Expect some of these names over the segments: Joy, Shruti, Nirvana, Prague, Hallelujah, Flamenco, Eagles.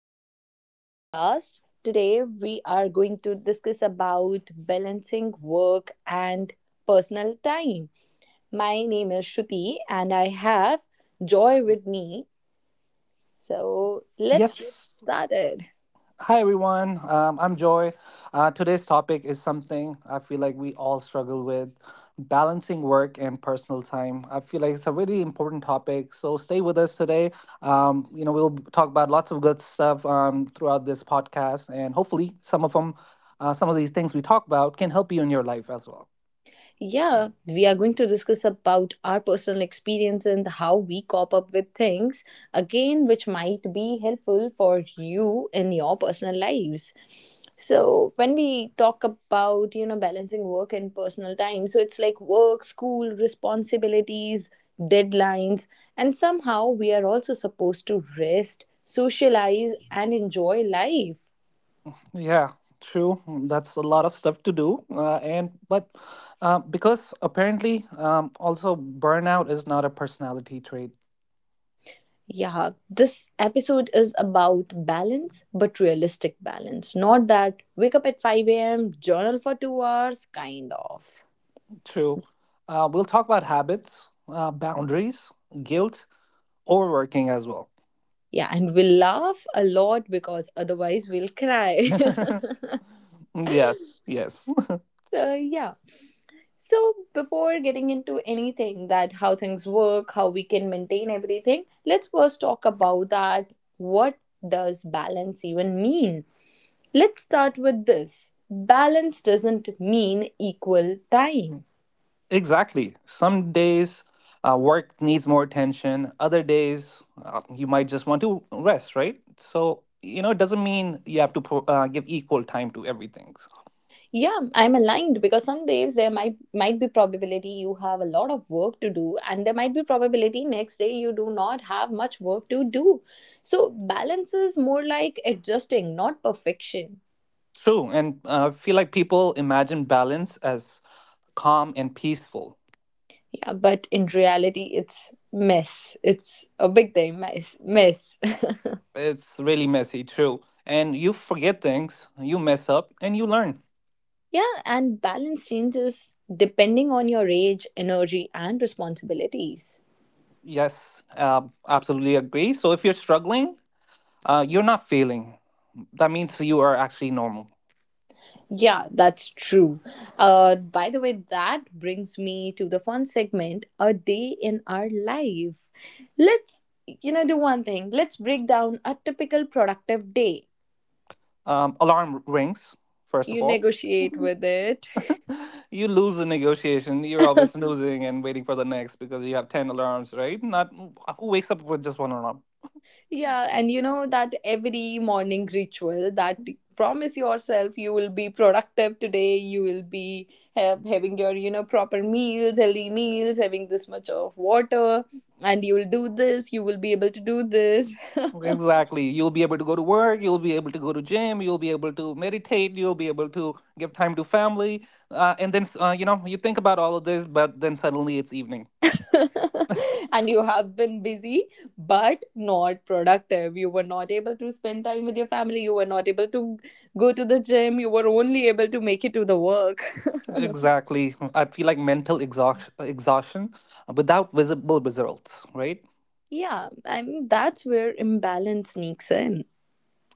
to our podcast. Today, we are going to discuss about balancing work and personal time. My name is Shruti, and I have Joy with me. So, let's get Yes. started. Hi, everyone. I'm Joy. Today's topic is something I feel like we all struggle with balancing work and personal time. I feel like it's a really important topic. So stay with us today. We'll talk about lots of good stuff throughout this podcast, and hopefully, some of these things we talk about can help you in your life as well. Yeah, we are going to discuss about our personal experience and how we cope up with things again, which might be helpful for you in your personal lives. So, when we talk about balancing work and personal time, so it's like work, school, responsibilities, deadlines, and somehow we are also supposed to rest, socialize, and enjoy life. Yeah, true. That's a lot of stuff to do. And but because apparently also burnout is not a personality trait. Yeah, this episode is about balance, but realistic balance. Not that wake up at 5 a.m., journal for 2 hours, kind of. True. We'll talk about habits, boundaries, guilt, overworking as well. Yeah, and we'll laugh a lot because otherwise we'll cry. Yes, yes. So, yeah. So, before getting into anything that how things work, how we can maintain everything, let's first talk about that. What does balance even mean? Let's start with this. Balance doesn't mean equal time. Exactly. Some days work needs more attention. Other days you might just want to rest, right? So, you know, it doesn't mean you have to give equal time to everything. Yeah, I'm aligned because some days there might be probability you have a lot of work to do, and there might be probability next day you do not have much work to do. So balance is more like adjusting, not perfection. True. And I feel like people imagine balance as calm and peaceful. Yeah, but in reality it's mess. It's a big time mess. Mess. It's really messy, true. And you forget things, you mess up, and you learn. Yeah, and balance changes depending on your age, energy and responsibilities. Yes, absolutely agree. So if you're struggling, you're not failing. That means you are actually normal. Yeah, that's true. By the way, that brings me to the fun segment: a day in our life. Let's, do one thing. Let's break down a typical productive day. Alarm rings, first of You all. negotiate with it. You lose the negotiation. You're always snoozing and waiting for the next because you have 10 alarms, right? Not who wakes up with just one alarm. Yeah, and you know that every morning ritual that promise yourself you will be productive today, you will be have, having your, proper meals, healthy meals, having this much of water, and you will do this, you will be able to do this. Exactly. You'll be able to go to work, you'll be able to go to gym, you'll be able to meditate, you'll be able to give time to family. And then, you think about all of this, but then suddenly it's evening. And you have been busy but not productive. You were not able to spend time with your family, you were not able to go to the gym, you were only able to make it to the work. Exactly. I feel like mental exhaustion without visible results, right? Yeah, I mean, that's where imbalance sneaks in.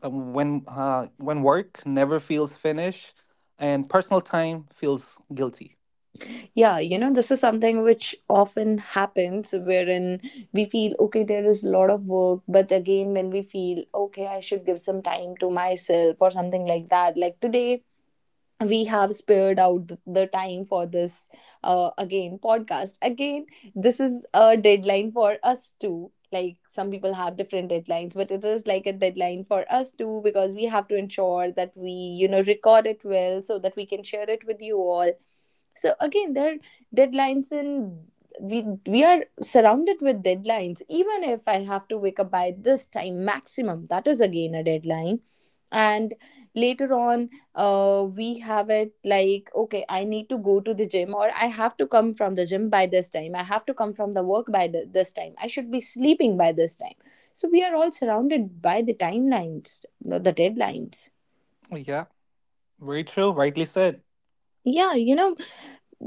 When work never feels finished and personal time feels guilty. Yeah, this is something which often happens wherein we feel, okay, there is a lot of work, but again, when we feel, okay, I should give some time to myself or something like that. Like today, we have spared out the time for this again podcast again. This is a deadline for us too. Like, some people have different deadlines, but it is like a deadline for us too because we have to ensure that we record it well so that we can share it with you all. So again, there are deadlines, and we are surrounded with deadlines. Even if I have to wake up by this time maximum, that is again a deadline. And later on, we have it like, okay, I need to go to the gym, or I have to come from the gym by this time, I have to come from the work by this time, I should be sleeping by this time. So we are all surrounded by the timelines, the deadlines. Yeah, very true. Rightly said. Yeah,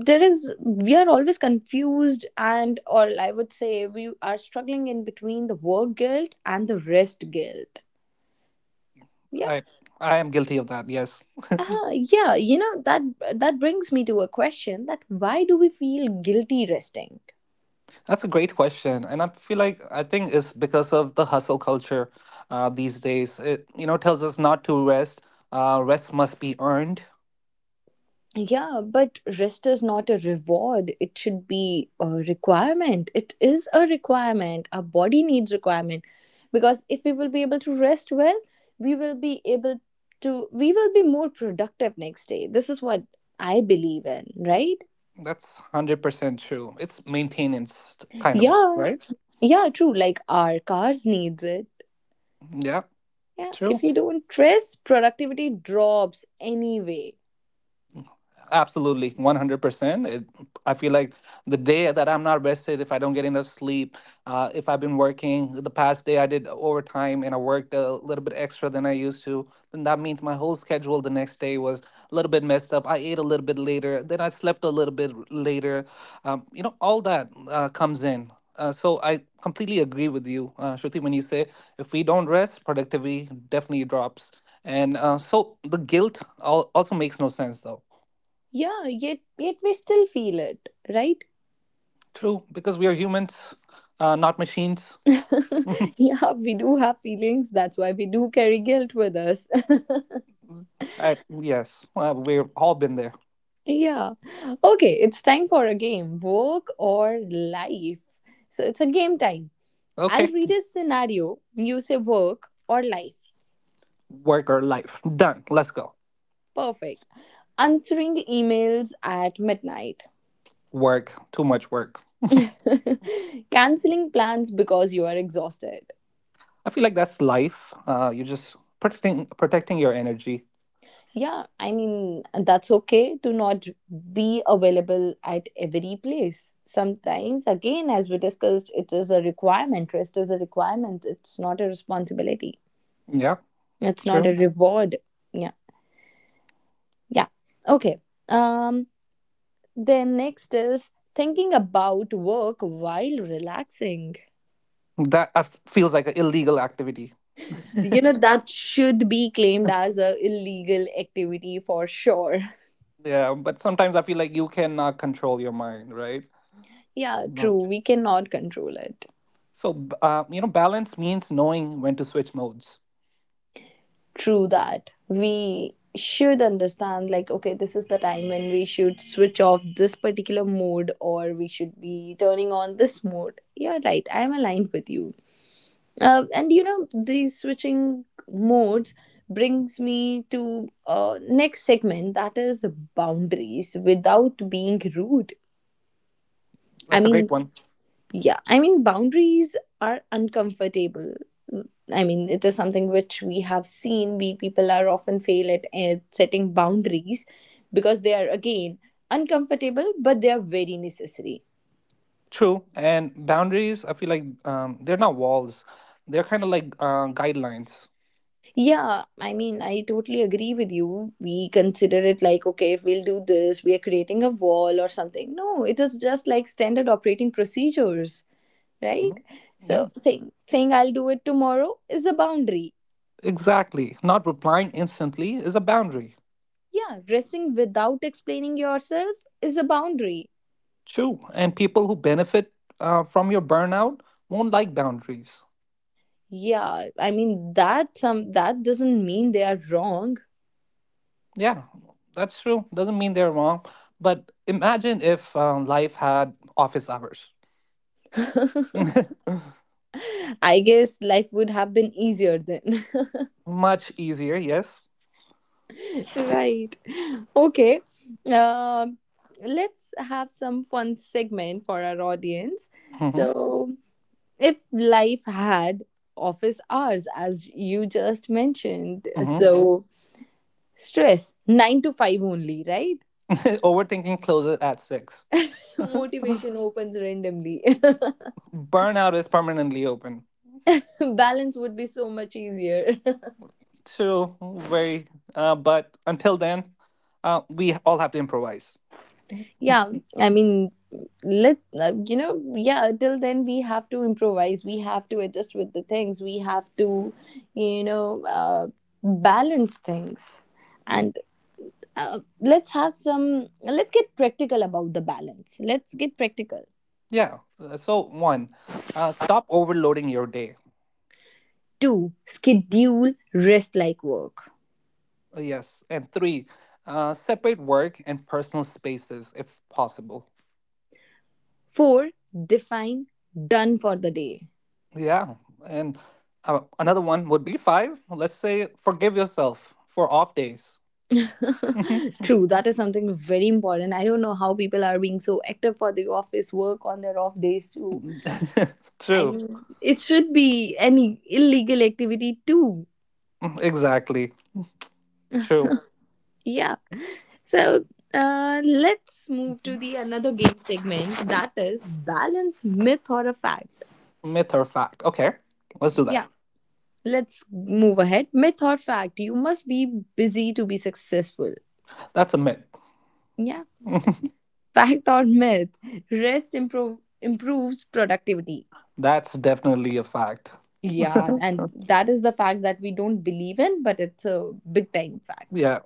there is, we are always confused and, or I would say, we are struggling in between the work guilt and the rest guilt. Yeah. I I am guilty of that. Yes. Yeah, that brings me to a question: that why do we feel guilty resting? That's a great question. And I feel like I think it's because of the hustle culture these days. It tells us not to rest. Rest must be earned. Yeah, but rest is not a reward. It should be a requirement. It is a requirement. Our body needs requirement, because if we will be able to rest well, we will be able we will be more productive next day. This is what I believe in, right? That's 100% true. It's maintenance kind of. Yeah. Yeah, true. Like our cars needs it. Yeah. Yeah, if you don't rest, productivity drops anyway. Absolutely, 100%. I feel like the day that I'm not rested, if I don't get enough sleep, if I've been working the past day, I did overtime and I worked a little bit extra than I used to, then that means my whole schedule the next day was a little bit messed up. I ate a little bit later, then I slept a little bit later. All that comes in. So I completely agree with you, Shruti, when you say if we don't rest, productivity definitely drops. And so the guilt also makes no sense, though. Yeah, yet we still feel it, right? True, because we are humans, not machines. Yeah, we do have feelings. That's why we do carry guilt with us. Yes, we've all been there. Yeah. Okay, it's time for a game: work or life. So it's a game time. I'll Okay, read a scenario. You say work or life. work or life. Done. Let's go. Perfect. Answering emails at midnight. Work. Too much work. Canceling plans because you are exhausted. I feel like that's life. You're just protecting your energy. Yeah, I mean, that's okay to not be available at every place. Sometimes, again, as we discussed, it is a requirement. Rest is a requirement, it's not a responsibility, Yeah, it's not true. a reward. Yeah, yeah. Okay. Um, then next is thinking about work while relaxing. That feels like an illegal activity. You know that should be claimed as a illegal activity for sure. Yeah, but sometimes I feel like you cannot control your mind, right? Yeah, No. true. We cannot control it. So, balance means knowing when to switch modes. True that. We should understand, like, okay, this is the time when we should switch off this particular mode, or we should be turning on this mode. You're right. I'm aligned with you. And these switching modes brings me to next segment, that is boundaries without being rude. I That's a great mean, one. yeah, I mean, boundaries are uncomfortable. I mean, it is something which we have seen. We people are often fail at setting boundaries because they are again uncomfortable, but they are very necessary. True, and boundaries, I feel like they're not walls. They're kind of like guidelines. Yeah, I mean, I totally agree with you. We consider it like, okay, if we'll do this, we are creating a wall or something. No, it is just like standard operating procedures, right? Mhm. Yeah, So saying I'll do it tomorrow is a boundary. exactly. Not replying instantly is a boundary. Yeah, resting without explaining yourself is a boundary. True, and people who benefit from your burnout won't like boundaries. Yeah, I mean that some that doesn't mean they are wrong. Yeah, that's true. Doesn't mean they're wrong, but imagine if life had office hours. I guess life would have been easier then. Much easier, yes. Right. Okay. Um let's have some fun segment for our audience. Hmm. So, if life had office hours as you just mentioned, Hmm. so stress 9 to 5 only, right? Overthinking closes at six. Motivation opens randomly. Burnout is permanently open. Balance would be so much easier. True, very. But until then, we all have to improvise. Yeah, I mean, let yeah, till then we have to improvise, we have to adjust with the things, we have to you know uh, balance things. Mm. And let's have some let's get practical about the balance. Let's get practical. Yeah. So one, stop overloading your day. 2, schedule rest like work. Yes, and three, separate work and personal spaces if possible. 4, define done for the day. Yeah, and another one would be five. Let's say forgive yourself for off days. True, that is something very important. I don't know how people are being so active for the office work on their off days too. I True. mean, it should be any illegal activity too. Mm. Exactly. True. Yeah. So, let's move to the another game segment, that is balance myth or a fact. Myth or fact? Okay, let's do that. Yeah. Let's move ahead. Myth or fact? You must be busy to be successful. That's a myth. Yeah. Fact or myth? Rest improves productivity. That's definitely a fact. Yeah, and that is the fact that we don't believe in, but it's a big time fact. Yeah,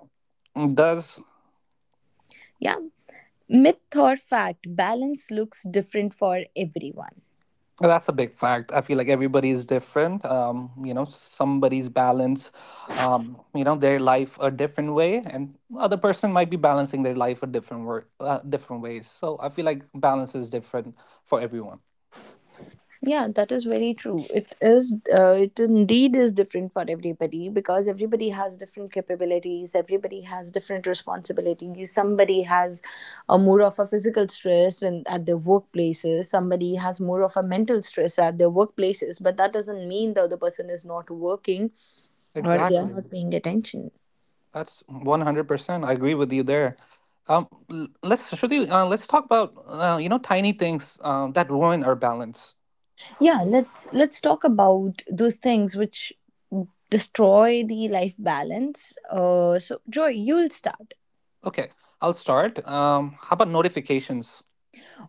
does Yeah. Myth or fact, balance looks different for everyone. that's a big fact. I feel like everybody is different. Somebody's balance, their life a different way, and other person might be balancing their life a different different ways. So I feel like balance is different for everyone. Yeah, that is very true. It indeed is different for everybody because everybody has different capabilities, everybody has different responsibilities. Somebody has a more of a physical stress and at their workplaces, somebody has more of a mental stress at their workplaces, but that doesn't mean the other person is not working or they are Exactly. not paying attention. That's 100%. I agree with you there. L- let's Shruti, let's talk about tiny things that ruin our balance. Yeah, let's talk about those things which destroy the life balance. So Joy, you'll start. Okay, I'll start. How about notifications?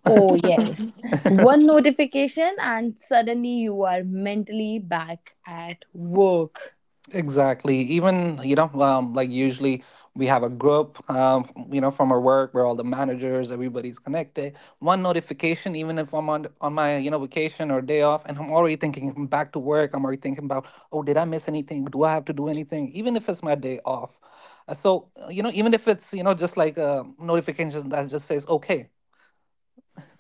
Oh yes, one notification and suddenly you are mentally back at work. Exactly. Even, like usually we have a group, from our work where all the managers, everybody's connected. One notification, even if I'm on my, vacation or day off, and I'm already thinking I'm back to work. I'm already thinking about, oh, did I miss anything? Do I have to do anything? Even if it's my day off. So, even if it's, just like a notification that just says, okay.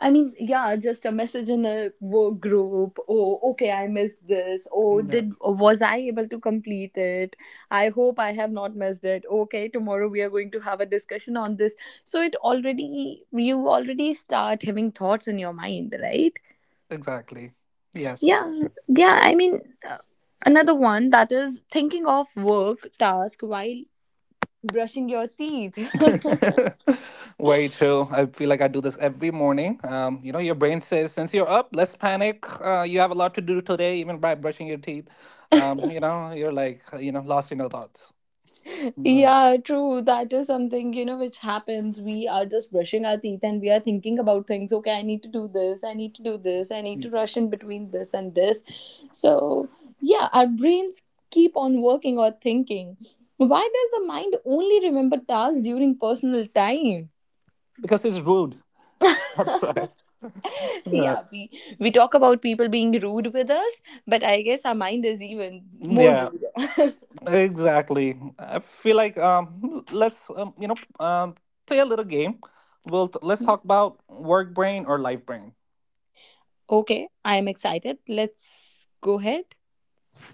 I mean, yeah, just a message in a work group. Oh, okay, I missed this. Oh, Yeah. did was I able to complete it? I hope I have not missed it. Okay, tomorrow we are going to have a discussion on this. So it already you already start having thoughts in your mind, right? Exactly. Yeah, Yes. yeah. I mean, uh, another one, that is thinking of work task while brushing your teeth. Very true. I feel like I do this every morning. Your brain says, since you're up, let's panic. You have a lot to do today, even by brushing your teeth. You're like, lost in your thoughts. Yeah. Yeah, true. That is something, which happens. We are just brushing our teeth and we are thinking about things. Okay, I need to do this, I need to do this, I need to rush in between this and this. So, yeah, our brains keep on working or thinking. Why does the mind only remember tasks during personal time? Because it's rude. That's why. Yeah, Yeah, we talk about people being rude with us, but I guess our mind is even more yeah, rude. exactly. I feel like let's play a little game. Let's talk about work brain or life brain. Okay, I am excited. Let's go ahead.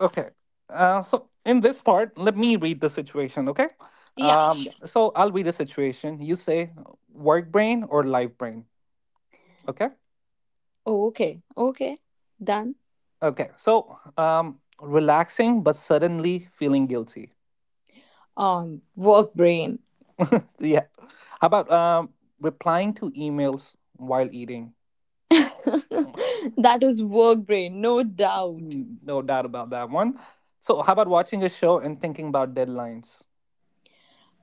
Okay. So in this part, let me read the situation, okay? Yeah, Um, sure. so I'll read the situation. You say work brain or life brain, okay? Oh, okay, okay, done. Okay. So relaxing but suddenly feeling guilty. Work brain. Yeah. How about replying to emails while eating? That is work brain, no doubt. Mm, no doubt about that one. So how about watching a show and thinking about deadlines?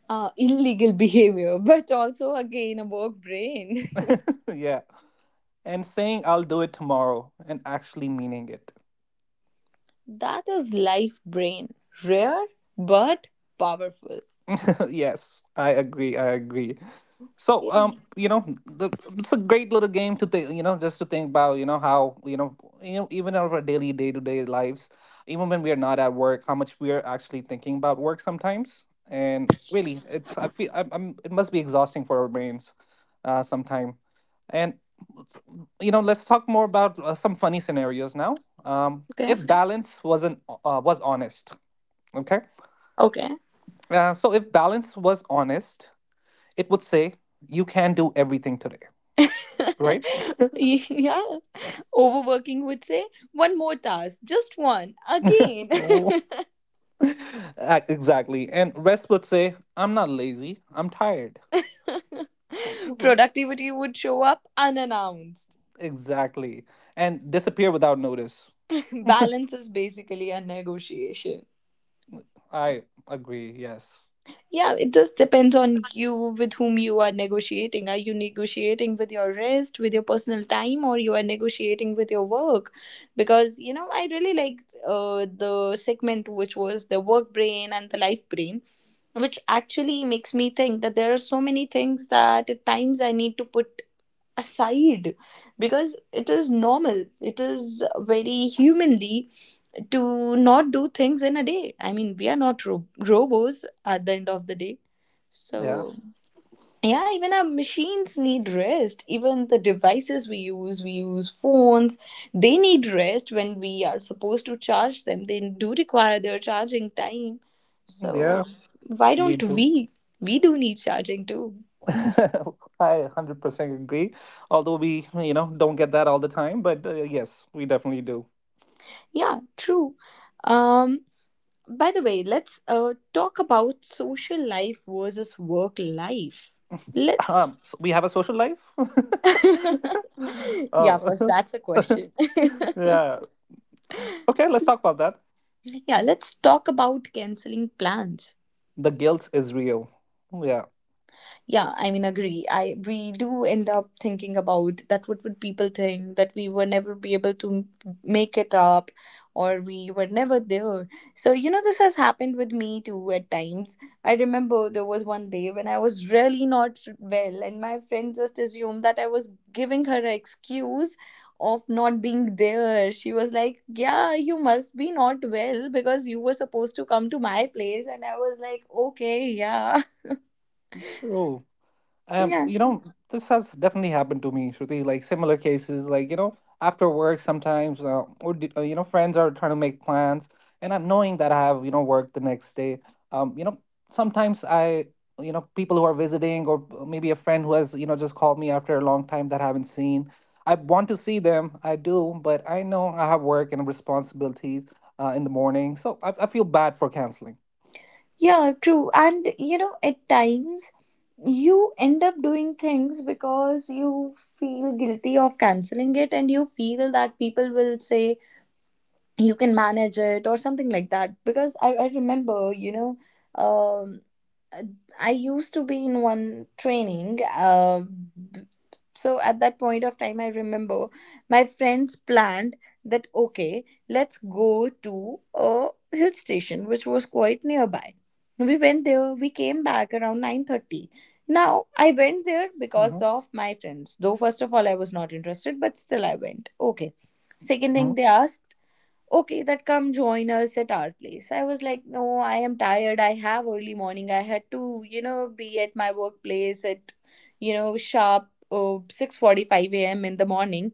Illegal behavior, but also again a work brain. Yeah. And saying I'll do it tomorrow and actually meaning it. That is life brain. Rare but powerful. Yes, I agree. I agree. So, Yeah. It's a great little game to think, just to think about, how, even out of our daily day to day lives, even when we are not at work, how much we are actually thinking about work sometimes. And really, it's, I feel, I'm it must be exhausting for our brains, sometime. And, let's- let's talk more about some funny scenarios now. Okay. If balance wasn't, was honest, okay? Okay. So if balance was honest, it would say you can do everything today, right. Yeah. Overworking would say one more task, just one, again. Oh. Exactly, and rest would say, I'm not lazy, I'm tired. Mhm. Productivity would show up unannounced. Exactly, and disappear without notice. Balance is basically a negotiation. I agree, yes. Yeah, it just depends on you with whom you are negotiating. Are you negotiating with your rest, with your personal time, or you are negotiating with your work? Because I really liked the segment, which was the work brain and the life brain, which actually makes me think that there are so many things that at times I need to put aside, because it is normal, it is very humanly to not do things in a day. I mean, we are not robots at the end of the day, Yeah, so yeah, even our machines need rest. Even the devices we use, we use phones, they need rest. When we are supposed to charge them, they do require their charging time, so yeah, why me don't too. we, do need charging too. I 100% agree, although we don't get that all the time, but yes, we definitely do. Yeah, true. um By the way, let's talk about social life versus work life. Let's. So we have a social life? yeah, Oh. first, that's a question. Yeah. Okay, let's talk about that. yeah, let's talk about canceling plans. The guilt is real. Yeah, Yeah, I mean, agree. I we do end up thinking about that. What would people think, that we were never be able to make it up, or we were never there? So this has happened with me too at times. I remember there was one day when I was really not well, and my friend just assumed that I was giving her an excuse of not being there. She was like, "Yeah, you must be not well because you were supposed to come to my place," and I was like, "Okay, yeah, true. Um, you yes." know, this has definitely happened to me, Shruti. Like similar cases, like after work sometimes, or d- you know, friends are trying to make plans, and I'm knowing that I have work the next day. Um, you know, sometimes people who are visiting, or maybe a friend who has just called me after a long time that I haven't seen. I want to see them, I do, but I know I have work and responsibilities in the morning, so I feel bad for canceling. Yeah, true. And you know, at times you end up doing things because you feel guilty of canceling it, and you feel that people will say you can manage it or something like that. Because I remember, um I used to be in one training. Th- so at that point of time, I remember my friends planned that, okay, let's go to a hill station which was quite nearby. We went there. We came back around 9:30. Now I went there Mm-hmm. because of my friends. Though first of all, I was not interested, but still I went. Okay. Second Mm-hmm. thing, they asked, okay, that come join us at our place. I was like, no, I am tired, I have early morning, I had to, you know, be at my workplace at, you know, sharp 6:45 a.m. in the morning.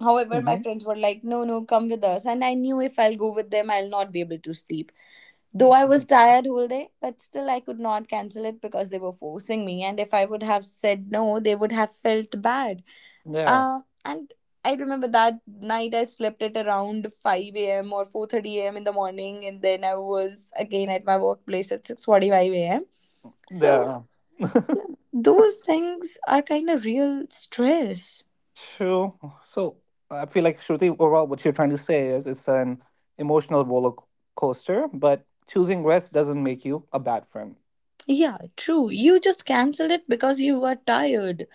However, my Mm-hmm. friends were like, no, no, come with us, and I knew if I'll go with them, I'll not be able to sleep. Though I was tired whole day, but still I could not cancel it because they were forcing me, and if I would have said no, they would have felt bad. Yeah, And I remember that night I slept at around 5 a.m. or 4:30 a.m. in the morning, and then I was again at my workplace at 6:45 a.m. So yeah, yeah, those things are kind of real stress. true. So I feel like Shruti, overall, what you're trying to say is it's an emotional roller coaster, but choosing rest doesn't make you a bad friend. Yeah, true. You just cancel it because you were tired.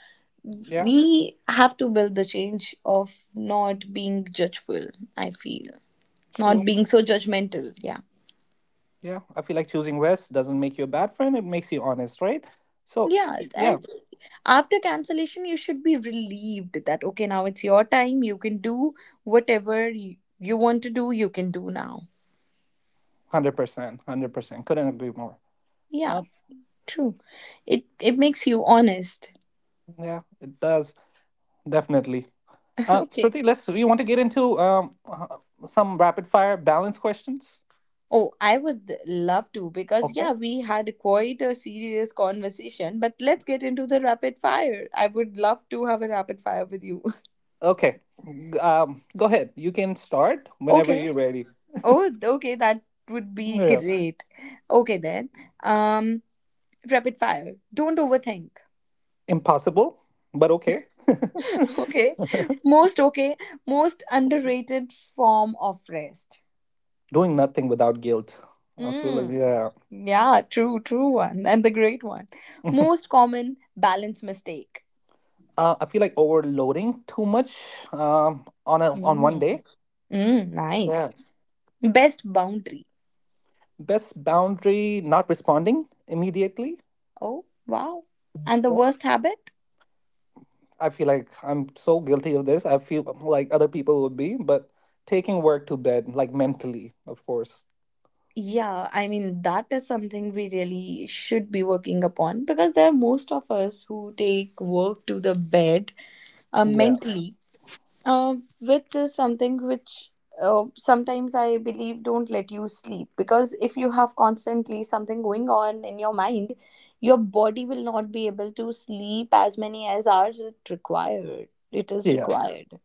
Yeah, We have to build the change of not being judgeful, I feel. Not true. being so judgmental. Yeah. Yeah, I feel like choosing rest doesn't make you a bad friend. It makes you honest, right? So Yeah, yeah, and after cancellation, you should be relieved that, okay, now it's your time. You can do whatever you want to do. You can do now. 100%, 100%. Couldn't agree more. Yeah, Um, true. It makes you honest. yeah, it does definitely. Okay. Shruti, let's. You want to get into some rapid fire balance questions? Oh, I would love to, because yeah, we had quite a serious conversation. But let's get into the rapid fire. I would love to have a rapid fire with you. Okay. Go ahead. You can start whenever okay. you're ready. Oh, okay. That would be Yeah. great. Okay then. Um, rapid fire. Don't overthink. Impossible, but okay. Okay. most okay most underrated form of rest. Doing nothing without guilt. I feel like Mm, yeah. yeah, true, true one, and the great one. Most common balance mistake. I feel like overloading too much on one Mm. day. Mm, nice. Yes. Best boundary? Best boundary not responding immediately. Oh, wow. And the Yeah. worst habit? I feel like I'm so guilty of this. I feel like other people would be, but taking work to bed, like mentally, of course. Yeah, I mean, that is something we really should be working upon, because there are most of us who take work to the bed, mentally. Uh, Width is something which, sometimes I believe, don't let you sleep, because if you have constantly something going on in your mind, your body will not be able to sleep as many as hours it required. It is Yeah. required.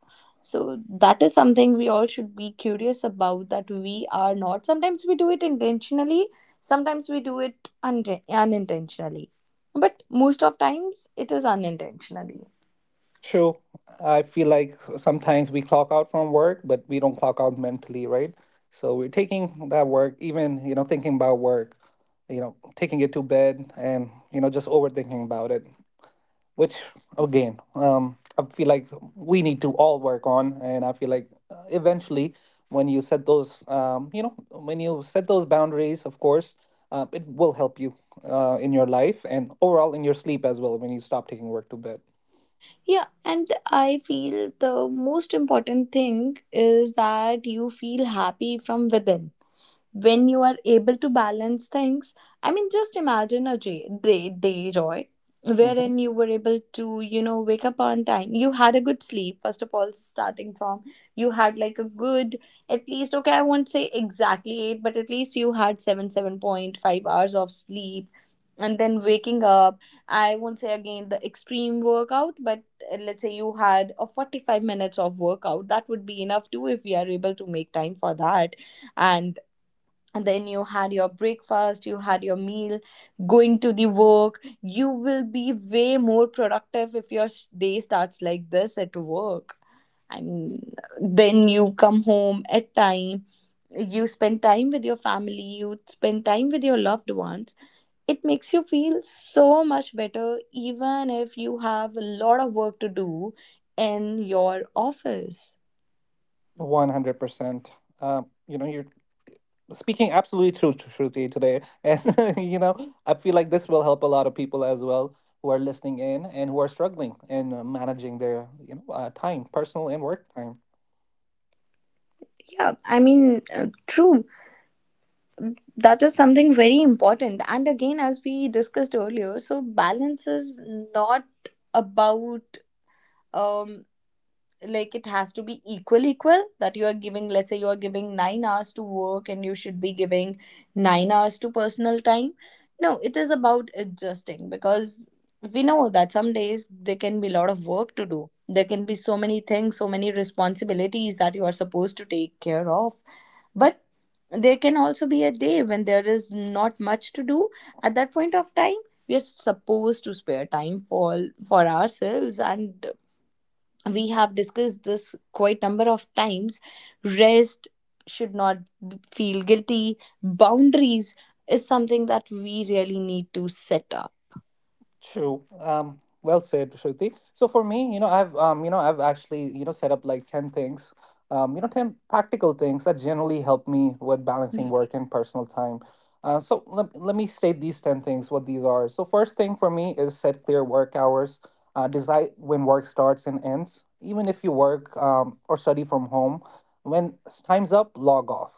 So that is something we all should be curious about, that we are not. Sometimes we do it intentionally, sometimes we do it unintentionally. But most of times it is unintentionally. True. I feel like sometimes we clock out from work, but we don't clock out mentally, right? So we're taking that work, even, thinking about work, taking it to bed and, just overthinking about it, which again, I feel like we need to all work on. And I feel like eventually when you set those, when you set those boundaries, of course, it will help you in your life and overall in your sleep as well when you stop taking work to bed. Yeah, and I feel the most important thing is that you feel happy from within when you are able to balance things. I mean, just imagine a day, roy, Mhm. wherein you were able to, you know, wake up on time, you had a good sleep. First of all, starting from, you had like a good, at least, okay, I won't say exactly 8, but at least you had 7 7.5 hours of sleep, and then waking up. I won't say again the extreme workout, but let's say you had a 45 minutes of workout, that would be enough too, if we are able to make time for that. And then you had your breakfast, you had your meal, going to the work. You will be way more productive if your day starts like this at work, I mean. Then you come home at time, you spend time with your family, you spend time with your loved ones. It makes you feel so much better, even if you have a lot of work to do in your office. 100%. You're speaking absolutely true, Shruti, today, and you know, I feel like this will help a lot of people as well who are listening in and who are struggling in managing their, you know, time, personal and work time. Yeah, I mean, true, that is something very important. And again, as we discussed earlier, so balance is not about, um like it has to be equal equal, that you are giving, let's say you are giving 9 hours to work, and you should be giving 9 hours to personal time. No, it is about adjusting, because we know that some days there can be a lot of work to do, there can be so many things, so many responsibilities that you are supposed to take care of. But there can also be a day when there is not much to do. At that point of time, we are supposed to spare time for ourselves, and we have discussed this quite number of times. Rest should not feel guilty. Boundaries is something that we really need to set up. True. Well said, Shruti. So for me, you know, I've actually, you know, set up like 10 things. You know, 10 practical things that generally help me with balancing work and personal time. So let me state these 10 things, what these are. So first thing for me is set clear work hours. Decide when work starts and ends. Even if you work or study from home, when time's up, log off.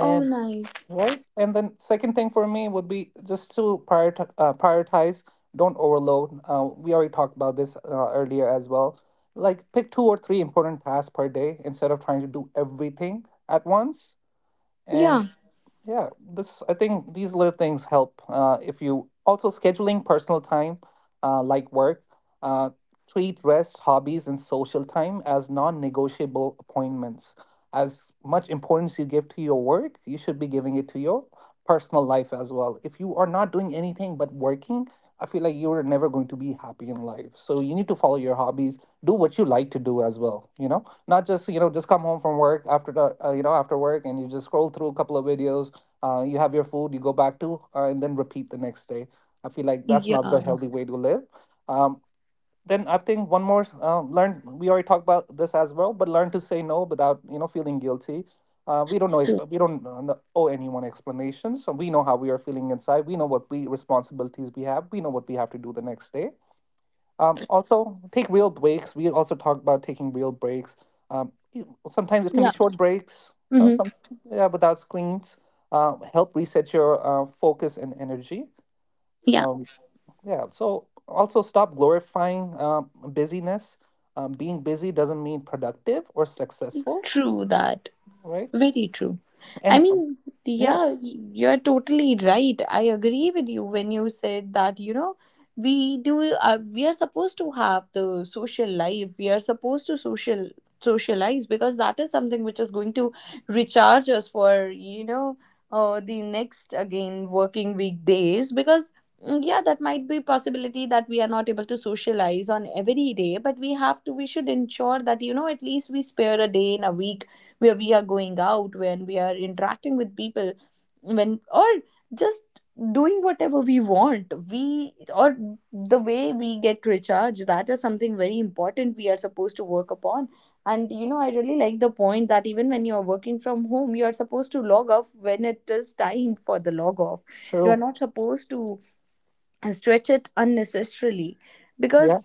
Oh, nice. right. And then second thing for me would be just to prioritize, don't overload. We already talked about this earlier as well. Like pick two or three important tasks per day instead of trying to do everything at once. And Yeah. yeah, this I think these little things help. If you also scheduling personal time, uh, like work, uh, treat rest, hobbies, and social time as non-negotiable appointments. As much importance you give to your work, you should be giving it to your personal life as well. If you are not doing anything but working, I feel like you're never going to be happy in life. So you need to follow your hobbies, do what you like to do as well. You know, not just you know just come home from work after the you know after work and you just scroll through a couple of videos. You have your food, you go back to, and then repeat the next day. I feel like that's not Yeah, the healthy way to live. Um, then I think one more learn. We already talked about this as well, but learn to say no without you know feeling guilty. We don't know. true. We don't owe anyone explanations. So we know how we are feeling inside. We know what we responsibilities we have. We know what we have to do the next day. Also, take real breaks. We also talked about taking real breaks. Um, y- Sometimes it can be Yeah. short breaks. Hmm. Some Yeah, without screens. Help reset your focus and energy. Yeah, Um, yeah, so also stop glorifying busyness. Being busy doesn't mean productive or successful, true that. right? Very true. I And mean, yeah, yeah, you're totally right. I agree with you when you said that, you know, we are supposed to have the social life. We are supposed to socialize, because that is something which is going to recharge us for, you know, the next again working weekdays. Because mm, yeah, that might be possibility that we are not able to socialize on every day, but we have to we should ensure that, you know, at least we spare a day in a week where we are going out, when we are interacting with people, when or just doing whatever we want, we or the way we get recharged. That is something very important, we are supposed to work upon. And you know, I really like the point that even when you are working from home, you are supposed to log off when it is time for the log off. You are true. not supposed to stretch it unnecessarily, Yeah. because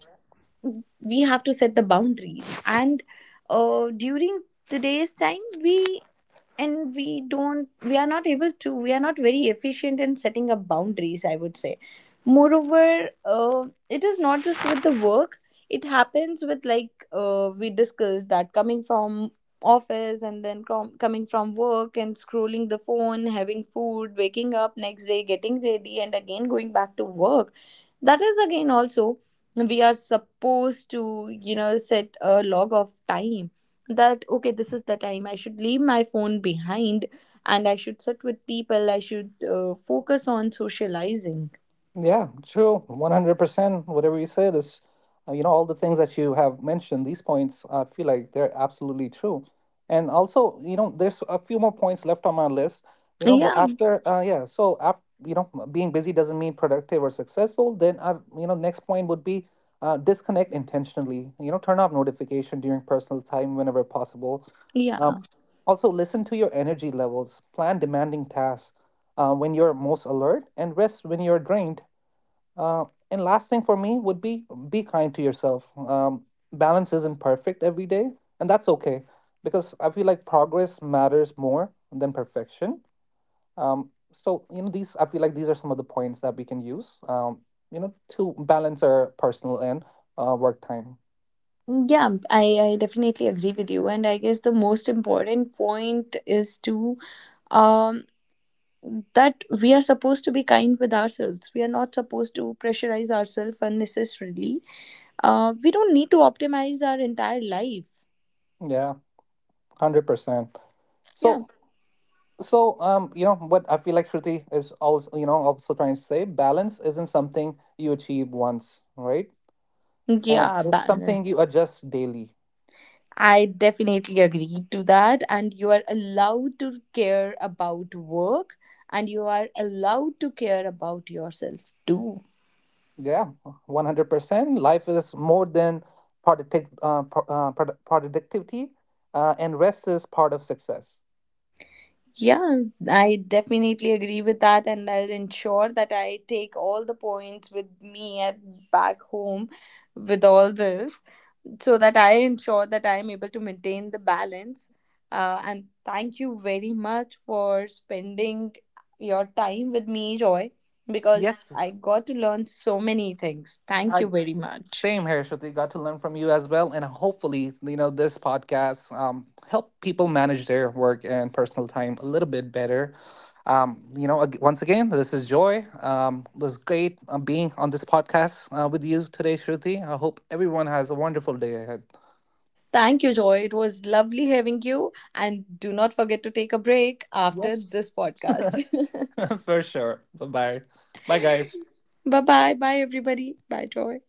we have to set the boundaries. And during today's time, we are not very efficient in setting up boundaries, I would say. Moreover, uh, it is not just with the work, it happens with, like, we discussed that coming from office, and then coming from work, and scrolling the phone, having food, waking up next day, getting ready, and again going back to work. That is again also, we are supposed to, you know, set a log of time that, okay, this is the time I should leave my phone behind, and I should sit with people, I should focus on socializing. Yeah, true. 100%. Whatever you said is, you know, all the things that you have mentioned, these points, I feel like they're absolutely true. And also, you know, there's a few more points left on my list. You know, Yeah, yeah, so after, you know, being busy doesn't mean productive or successful. Then I, you know, next point would be disconnect intentionally. You know, turn off notification during personal time whenever possible. yeah, Um, also, listen to your energy levels, plan demanding tasks when you're most alert, and rest when you're drained. Uh, and last thing for me would be kind to yourself. Balance isn't perfect every day, and that's okay because I feel like progress matters more than perfection. So you know these I feel like these are some of the points that we can use. You know, to balance our personal and work time. yeah. I definitely agree with you, and I guess the most important point is to, um that we are supposed to be kind with ourselves, we are not supposed to pressurize ourselves unnecessarily. We don't need to optimize our entire life. Yeah, 100%. Yeah. So so you know what I feel like Shruti is also you know also trying to say balance isn't something you achieve once, right? And Yeah, it's something you adjust daily. I definitely agree to that. And you are allowed to care about work, and you are allowed to care about yourself too. Yeah, 100%. Life is more than productivity, and rest is part of success. Yeah, I definitely agree with that, and I'll ensure that I take all the points with me at back home with all this, so that I ensure that I am able to maintain the balance. And thank you very much for spending your time with me, Joy, because I Yes, got to learn so many things. Thank I you very much. same here, Shruti. Got to learn from you as well, and hopefully, you know, this podcast help people manage their work and personal time a little bit better. Once again, this is Joy. It was great being on this podcast with you today, Shruti. I hope everyone has a wonderful day ahead. Thank you, Joy. It was lovely having you. And do not forget to take a break after this Yes. podcast. For sure. Bye bye. Bye, guys. Bye bye. Bye, everybody. Bye, Joy.